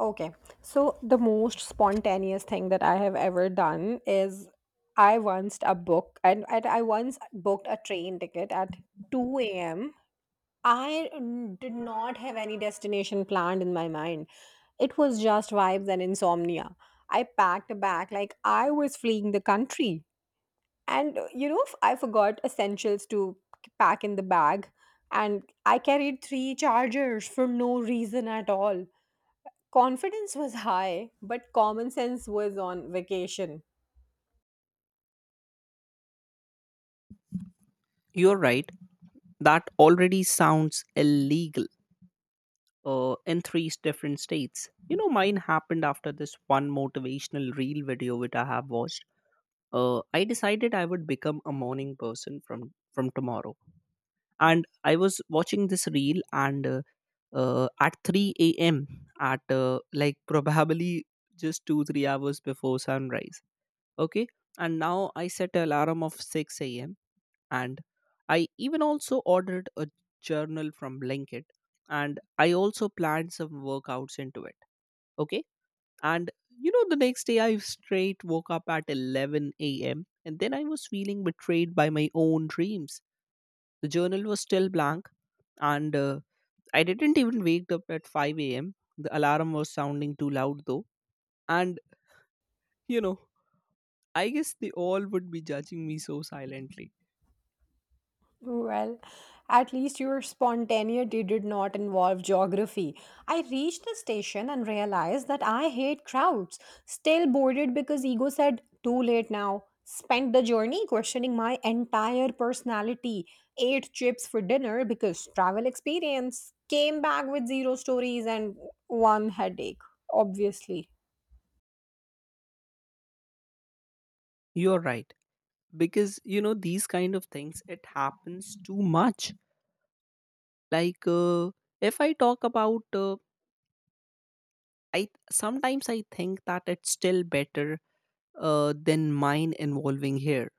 Okay. So the most spontaneous thing that I have ever done is I once booked a train ticket at 2 a.m. I did not have any destination planned in my mind. It was just vibes and insomnia. I packed a bag like I was fleeing the country. And I forgot essentials to pack in the bag, and I carried three chargers for no reason at all. Confidence was high, but common sense was on vacation. You're right, that already sounds illegal in three different states. You know, mine happened after this one motivational reel video which I have watched. I decided I would become a morning person from tomorrow, and I was watching this reel and at 3 a.m., at like probably just 2, 3 hours before sunrise. Okay, and now I set an alarm of 6 a.m, and I even also ordered a journal from Blinkit, and I also planned some workouts into it. Okay. And you know, the next day I straight woke up at 11 a.m. and then I was feeling betrayed by my own dreams. The journal was still blank, and I didn't even wake up at 5 a.m. The alarm was sounding too loud though. And you know, I guess they all would be judging me so silently. Well, at least your spontaneity did not involve geography. I reached the station and realized that I hate crowds. Still boarded because ego said, too late now. Spent the journey questioning my entire personality. Ate chips for dinner because travel experience. Came back with zero stories and one headache, obviously. You're right, because you know these kind of things, it happens too much, like if I talk about I sometimes, I think that it's still better than mine involving here.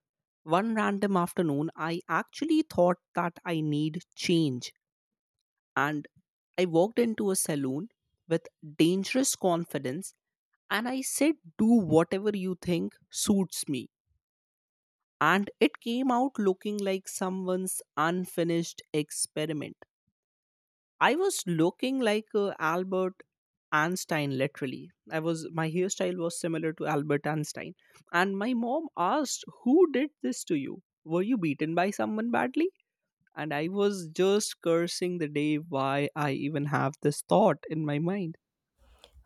One random afternoon, I actually thought that I need change, and I walked into a saloon with dangerous confidence, and I said, do whatever you think suits me, and it came out looking like someone's unfinished experiment. I was looking like Albert Einstein, literally. I was my hairstyle was similar to Albert Einstein, and my mom asked, "Who did this to you? Were you beaten by someone badly?" And I was just cursing the day why I even have this thought in my mind.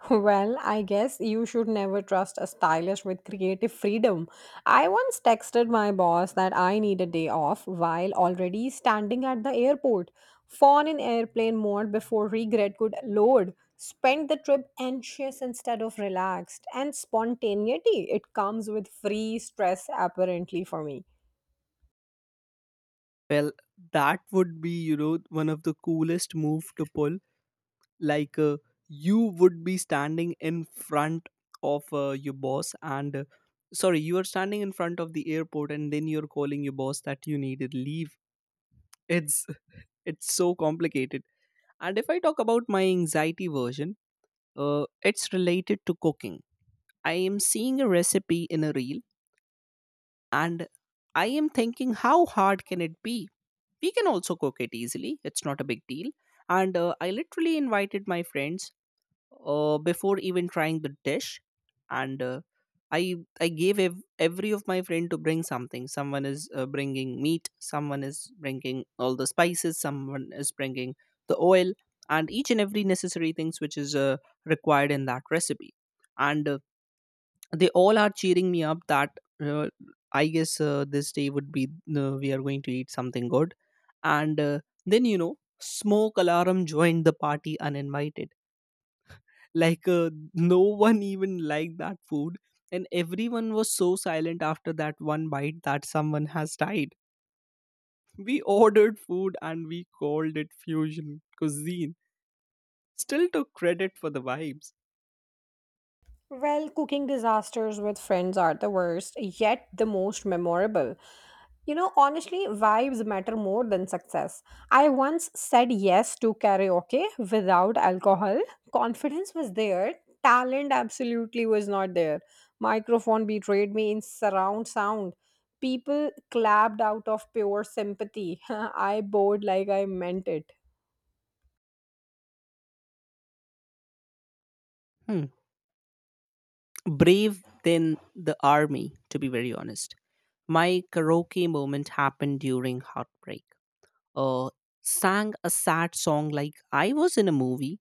Well, I guess you should never trust a stylist with creative freedom. I once texted my boss that I need a day off while already standing at the airport. Phone in airplane mode before regret could load. Spent the trip anxious instead of relaxed. And spontaneity, it comes with free stress, apparently, for me. Well, that would be, you know, one of the coolest move to pull, like you would be standing in front of your boss and sorry, you are standing in front of the airport, and then you're calling your boss that you needed leave. It's it's so complicated. And if I talk about my anxiety version, it's related to cooking. I am seeing a recipe in a reel, and I am thinking, how hard can it be? We can also cook it easily, it's not a big deal. And I literally invited my friends, before even trying the dish. And i I gave every of my friend to bring something, someone is bringing meat, someone is bringing all the spices, someone is bringing the oil, and each and every necessary things which is required in that recipe. And they all are cheering me up that I guess this day would be, we are going to eat something good. And then, you know, smoke alarm joined the party uninvited. Like, no one even liked that food, and everyone was so silent after that one bite, that someone has died. We ordered food and we called it fusion cuisine, still took credit for the vibes. Well, cooking disasters with friends are the worst, yet the most memorable. You know, honestly, vibes matter more than success. I once said yes to karaoke without alcohol. Confidence was there, talent absolutely was not there. Microphone betrayed me in surround sound. People clapped out of pure sympathy. I bowed like I meant it. Hmm. Brave than the army, to be very honest. My karaoke moment happened during heartbreak. uh, Sang a sad song like I was in a movie,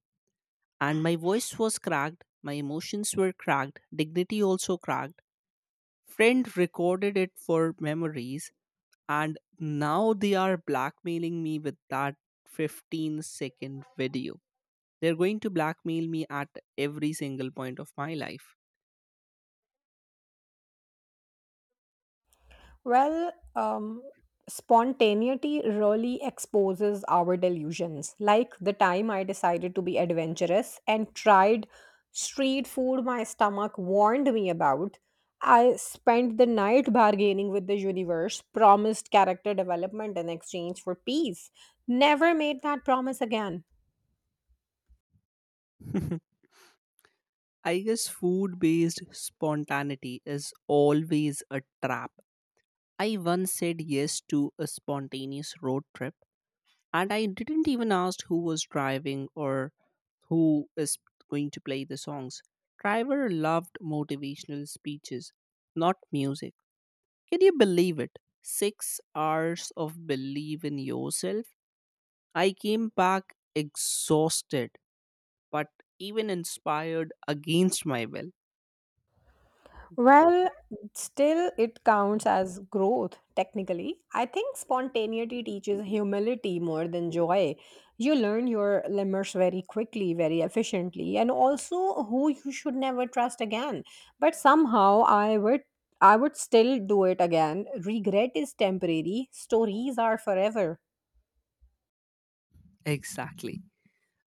and my voice was cracked, my emotions were cracked, dignity also cracked. Friend recorded it for memories, and now they are blackmailing me with that 15-second video. They're going to blackmail me at every single point of my life. Well, spontaneity really exposes our delusions. Like the time I decided to be adventurous and tried street food my stomach warned me about. I spent the night bargaining with the universe, promised character development in exchange for peace. Never made that promise again. I guess food based spontaneity is always a trap. I once said yes to a spontaneous road trip, and I didn't even ask who was driving or who is going to play the songs. Driver loved motivational speeches, not music. Can you believe it? 6 hours of believe in yourself. I came back exhausted, but even inspired against my will. Well, still it counts as growth, technically. I think spontaneity teaches humility more than joy. You learn your lemurs very quickly, very efficiently, and also who you should never trust again. But somehow I would still do it again. Regret is temporary, stories are forever. Exactly.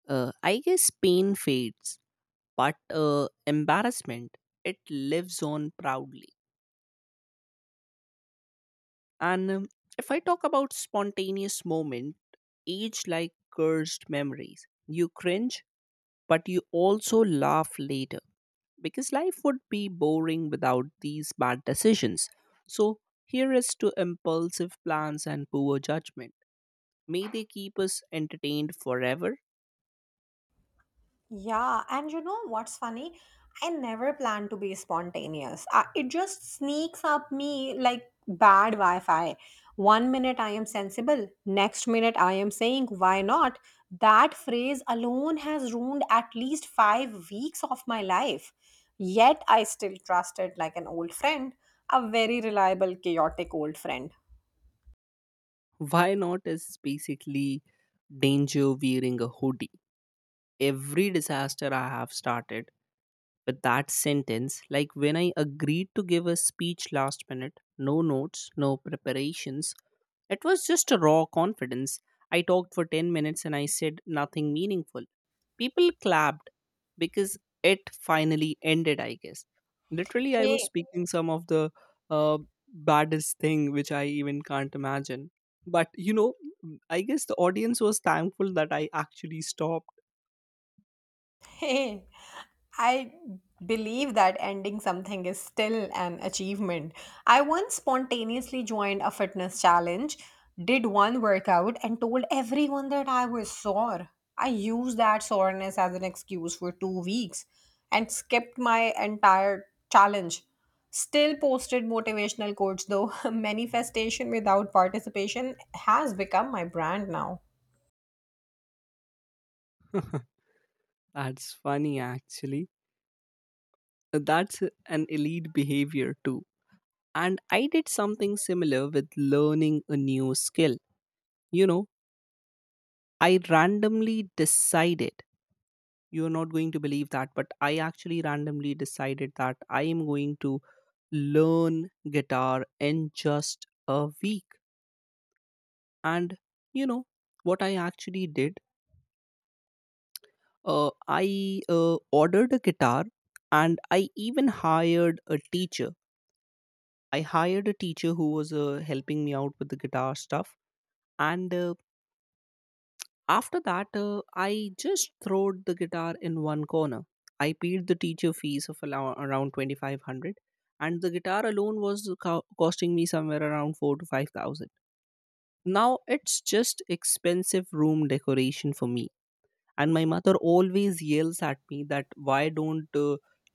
I guess pain fades, but embarrassment, it lives on proudly, and if I talk about spontaneous moment, age like cursed memories, you cringe but you also laugh later, because life would be boring without these bad decisions. So, here is to impulsive plans and poor judgment, may they keep us entertained forever. Yeah, and you know what's funny? I never plan to be spontaneous. I, it just sneaks up me like bad Wi Fi. One minute I am sensible, next minute I am saying, why not? That phrase alone has ruined at least 5 weeks of my life. Yet I still trust it like an old friend, a very reliable, chaotic old friend. Why not is basically danger wearing a hoodie. Every disaster I have started with that sentence, like when I agreed to give a speech last minute, no notes, no preparations, it was just a raw confidence. I talked for 10 minutes and I said nothing meaningful. People clapped because it finally ended, I guess. Literally, I was Hey. speaking some of the uh, baddest thing which I even can't imagine, but you know, I guess the audience was thankful that I actually stopped. Hey. I believe that ending something is still an achievement. I once spontaneously joined a fitness challenge, did one workout, and told everyone that I was sore. I used that soreness as an excuse for 2 weeks and skipped my entire challenge. Still posted motivational quotes though. Manifestation without participation has become my brand now. That's funny, actually. So, that's an elite behavior, too. And I did something similar with learning a new skill. You know, I randomly decided, you're not going to believe that, but I actually randomly decided that I am going to learn guitar in just a week. And, you know, what I actually did, I ordered a guitar, and I even hired a teacher. I hired a teacher who was helping me out with the guitar stuff. And after that, I just throwed the guitar in one corner. I paid the teacher fees of around 2,500, and the guitar alone was costing me somewhere around 4 to 5,000. Now it's just expensive room decoration for me, and my mother always yells at me that why don't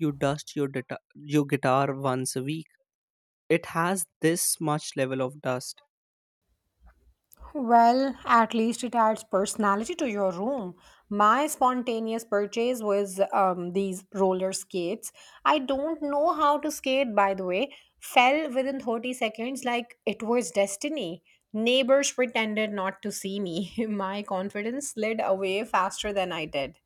you dust your guitar once a week, it has this much level of dust. Well, at least it adds personality to your room. My spontaneous purchase was these roller skates. I don't know how to skate, by the way. Fell within 30 seconds like it was destiny. Neighbors pretended not to see me. My confidence slid away faster than I did.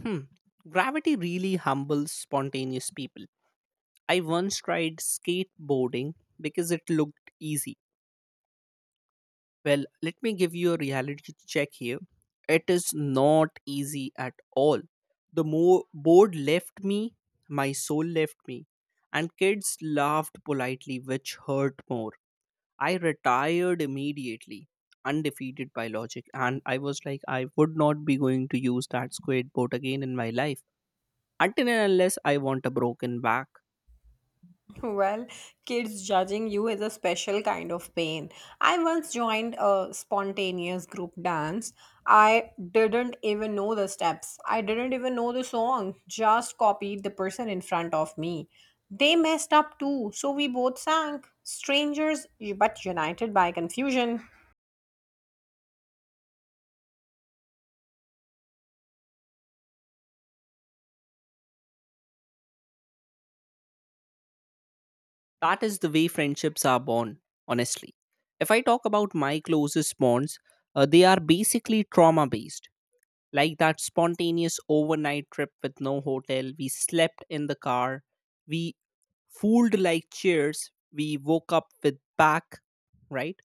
Hmm. Gravity really humbles spontaneous people. I once tried skateboarding because it looked easy. Well, let me give you a reality check here. It is not easy at all. The board left me, my soul left me, and kids laughed politely, which hurt more. I retired immediately, undefeated by logic, and I was like, I would not be going to use that skateboard again in my life, until and unless I want a broken back. Well, kids judging you is a special kind of pain. I once joined a spontaneous group dance. I didn't even know the steps. I didn't even know the song. Just copied the person in front of me. They messed up too, so we both sang. Strangers, but united by confusion. That is the way friendships are born, honestly. If I talk about my closest bonds, they are basically trauma based, like that spontaneous overnight trip with no hotel. We slept in the car, we fooled like chairs, we woke up with back, right?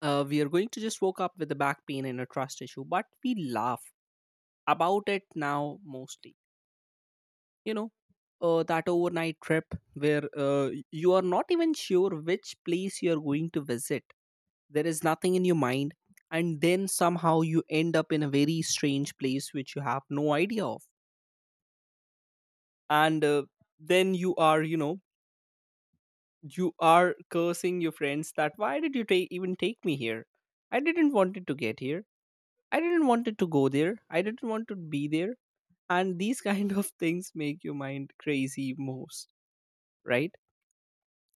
We are going to just woke up with a back pain and a trust issue, but we laugh about it now mostly, you know, that overnight trip where you are not even sure which place you are going to visit, there is nothing in your mind, and then somehow you end up in a very strange place which you have no idea of. And then you are cursing your friends that why did you take even take me here. I didn't wanted to get here, I didn't wanted to go there, I didn't want to be there. And these kind of things make your mind crazy most, right?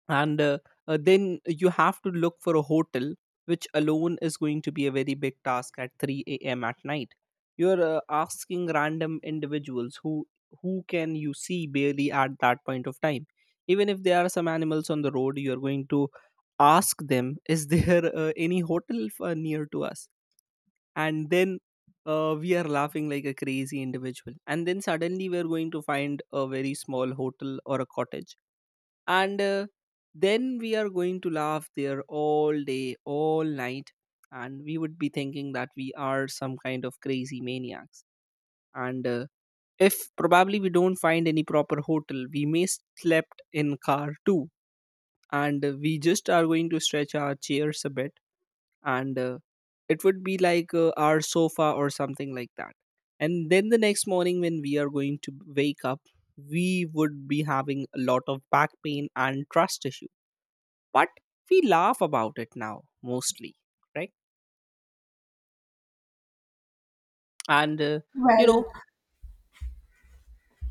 And then you have to look for a hotel, which alone is going to be a very big task at 3 a.m at night. You're asking random individuals who can you see barely at that point of time. Even if there are some animals on the road, you're going to ask them, is there any hotel near to us. And then, we are laughing like a crazy individual, and then suddenly we're going to find a very small hotel or a cottage. And then we are going to laugh there all day, all night, and we would be thinking that we are some kind of crazy maniacs. And if probably we don't find any proper hotel, we may slept in car too. And we just are going to stretch our chairs a bit, and it would be like our sofa or something like that. And then the next morning when we are going to wake up, we would be having a lot of back pain and trust issues, but we laugh about it now mostly, right? And you Well, know,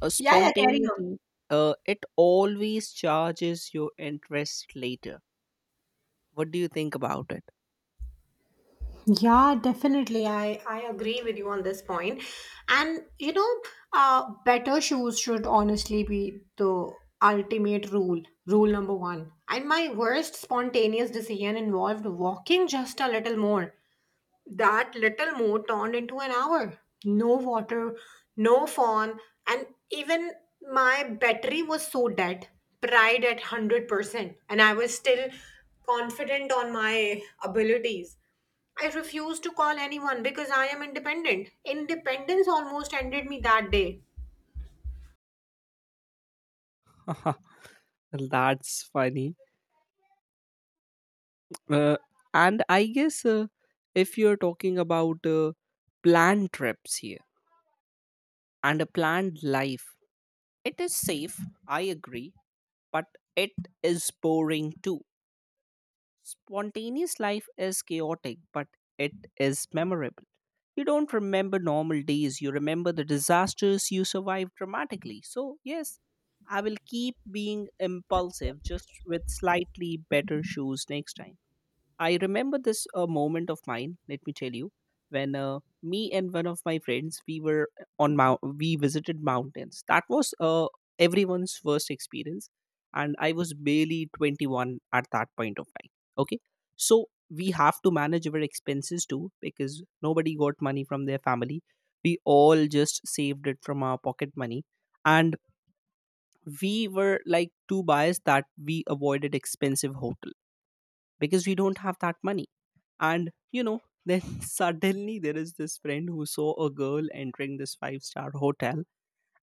a yeah, yeah, carry on. spontaneity, it always charges your interest later. What do you think about Yeah, definitely. I agree with you on this point. And, you know, better shoes should honestly be the ultimate rule, rule number one. And my worst spontaneous decision involved walking just a little more. That little more turned into an hour. No water, no phone, and even my battery was so dead, pride at 100%. And I was still confident on my abilities. I refused to call anyone because I am independent. Independence almost ended me that day. it? That's funny. Uh, and I guess if you're talking about planned trips here and a planned life, it is safe, I agree, but it is boring too. Spontaneous life is chaotic, but it is memorable. You don't remember normal days, you remember the disasters you survived dramatically. So, yes, I will keep being impulsive just with slightly better shoes next time. I remember this moment of mine. Let me tell you, when me and one of my friends, we were on we visited mountains. That was everyone's first experience, and I was barely 21 at that point of time. Okay, so we have to manage our expenses too, because nobody got money from their family. We all just saved it from our pocket money, and we were like too biased that we avoided expensive hotel because we don't have that money. And you know, then suddenly there is this friend who saw a girl entering this five-star hotel,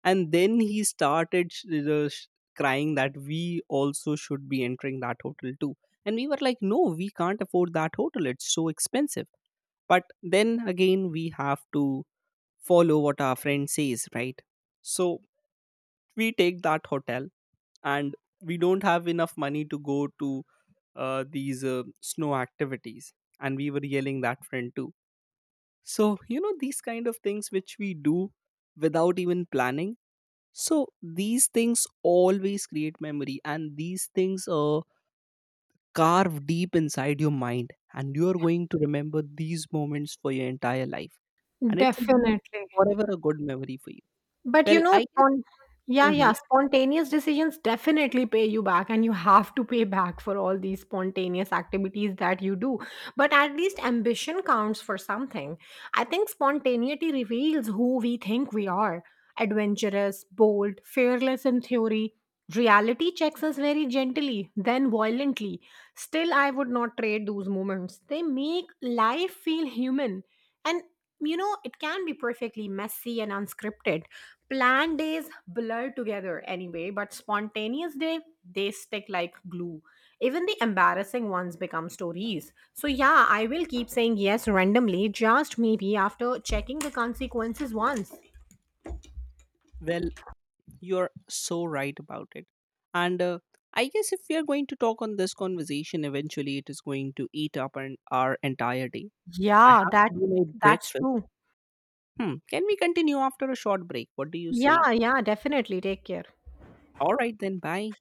and then he started crying that we also should be entering that hotel too. And we were like, no, we can't afford that hotel, it's so expensive. But then again, we have to follow what our friend says, right? So, we take that hotel, and we don't have enough money to go to these snow activities, and we were yelling that friend too. So, you know, these kind of things which we do without even planning. So, these things always create memory, and these things carve deep inside your mind. And you are going to remember these moments for your entire life. And it would be Definitely. forever a good memory for you. But you Well, know, I guess, yeah, yeah, mhm, spontaneous decisions definitely pay you back, and you have to pay back for all these spontaneous activities that you do. But at least ambition counts for something. I think spontaneity reveals who we think we are, adventurous, bold, fearless in theory. Reality checks us very gently, then violently. Still, I would not trade those moments. They make life feel human. And you know it can be perfectly messy and unscripted. Planned days blur together anyway, but spontaneous day, they stick like glue. Even the embarrassing ones become stories. So yeah, I will keep saying yes randomly, just maybe after checking the consequences once. well, you're so right about it. And I guess if we are going to talk on this conversation, eventually it is going to eat up our entire day. I Yeah, have that to do my that's breakfast. true. Hmm. Can we continue after a short break? What do you say? Yeah, yeah, definitely. Take care. All right, then, bye.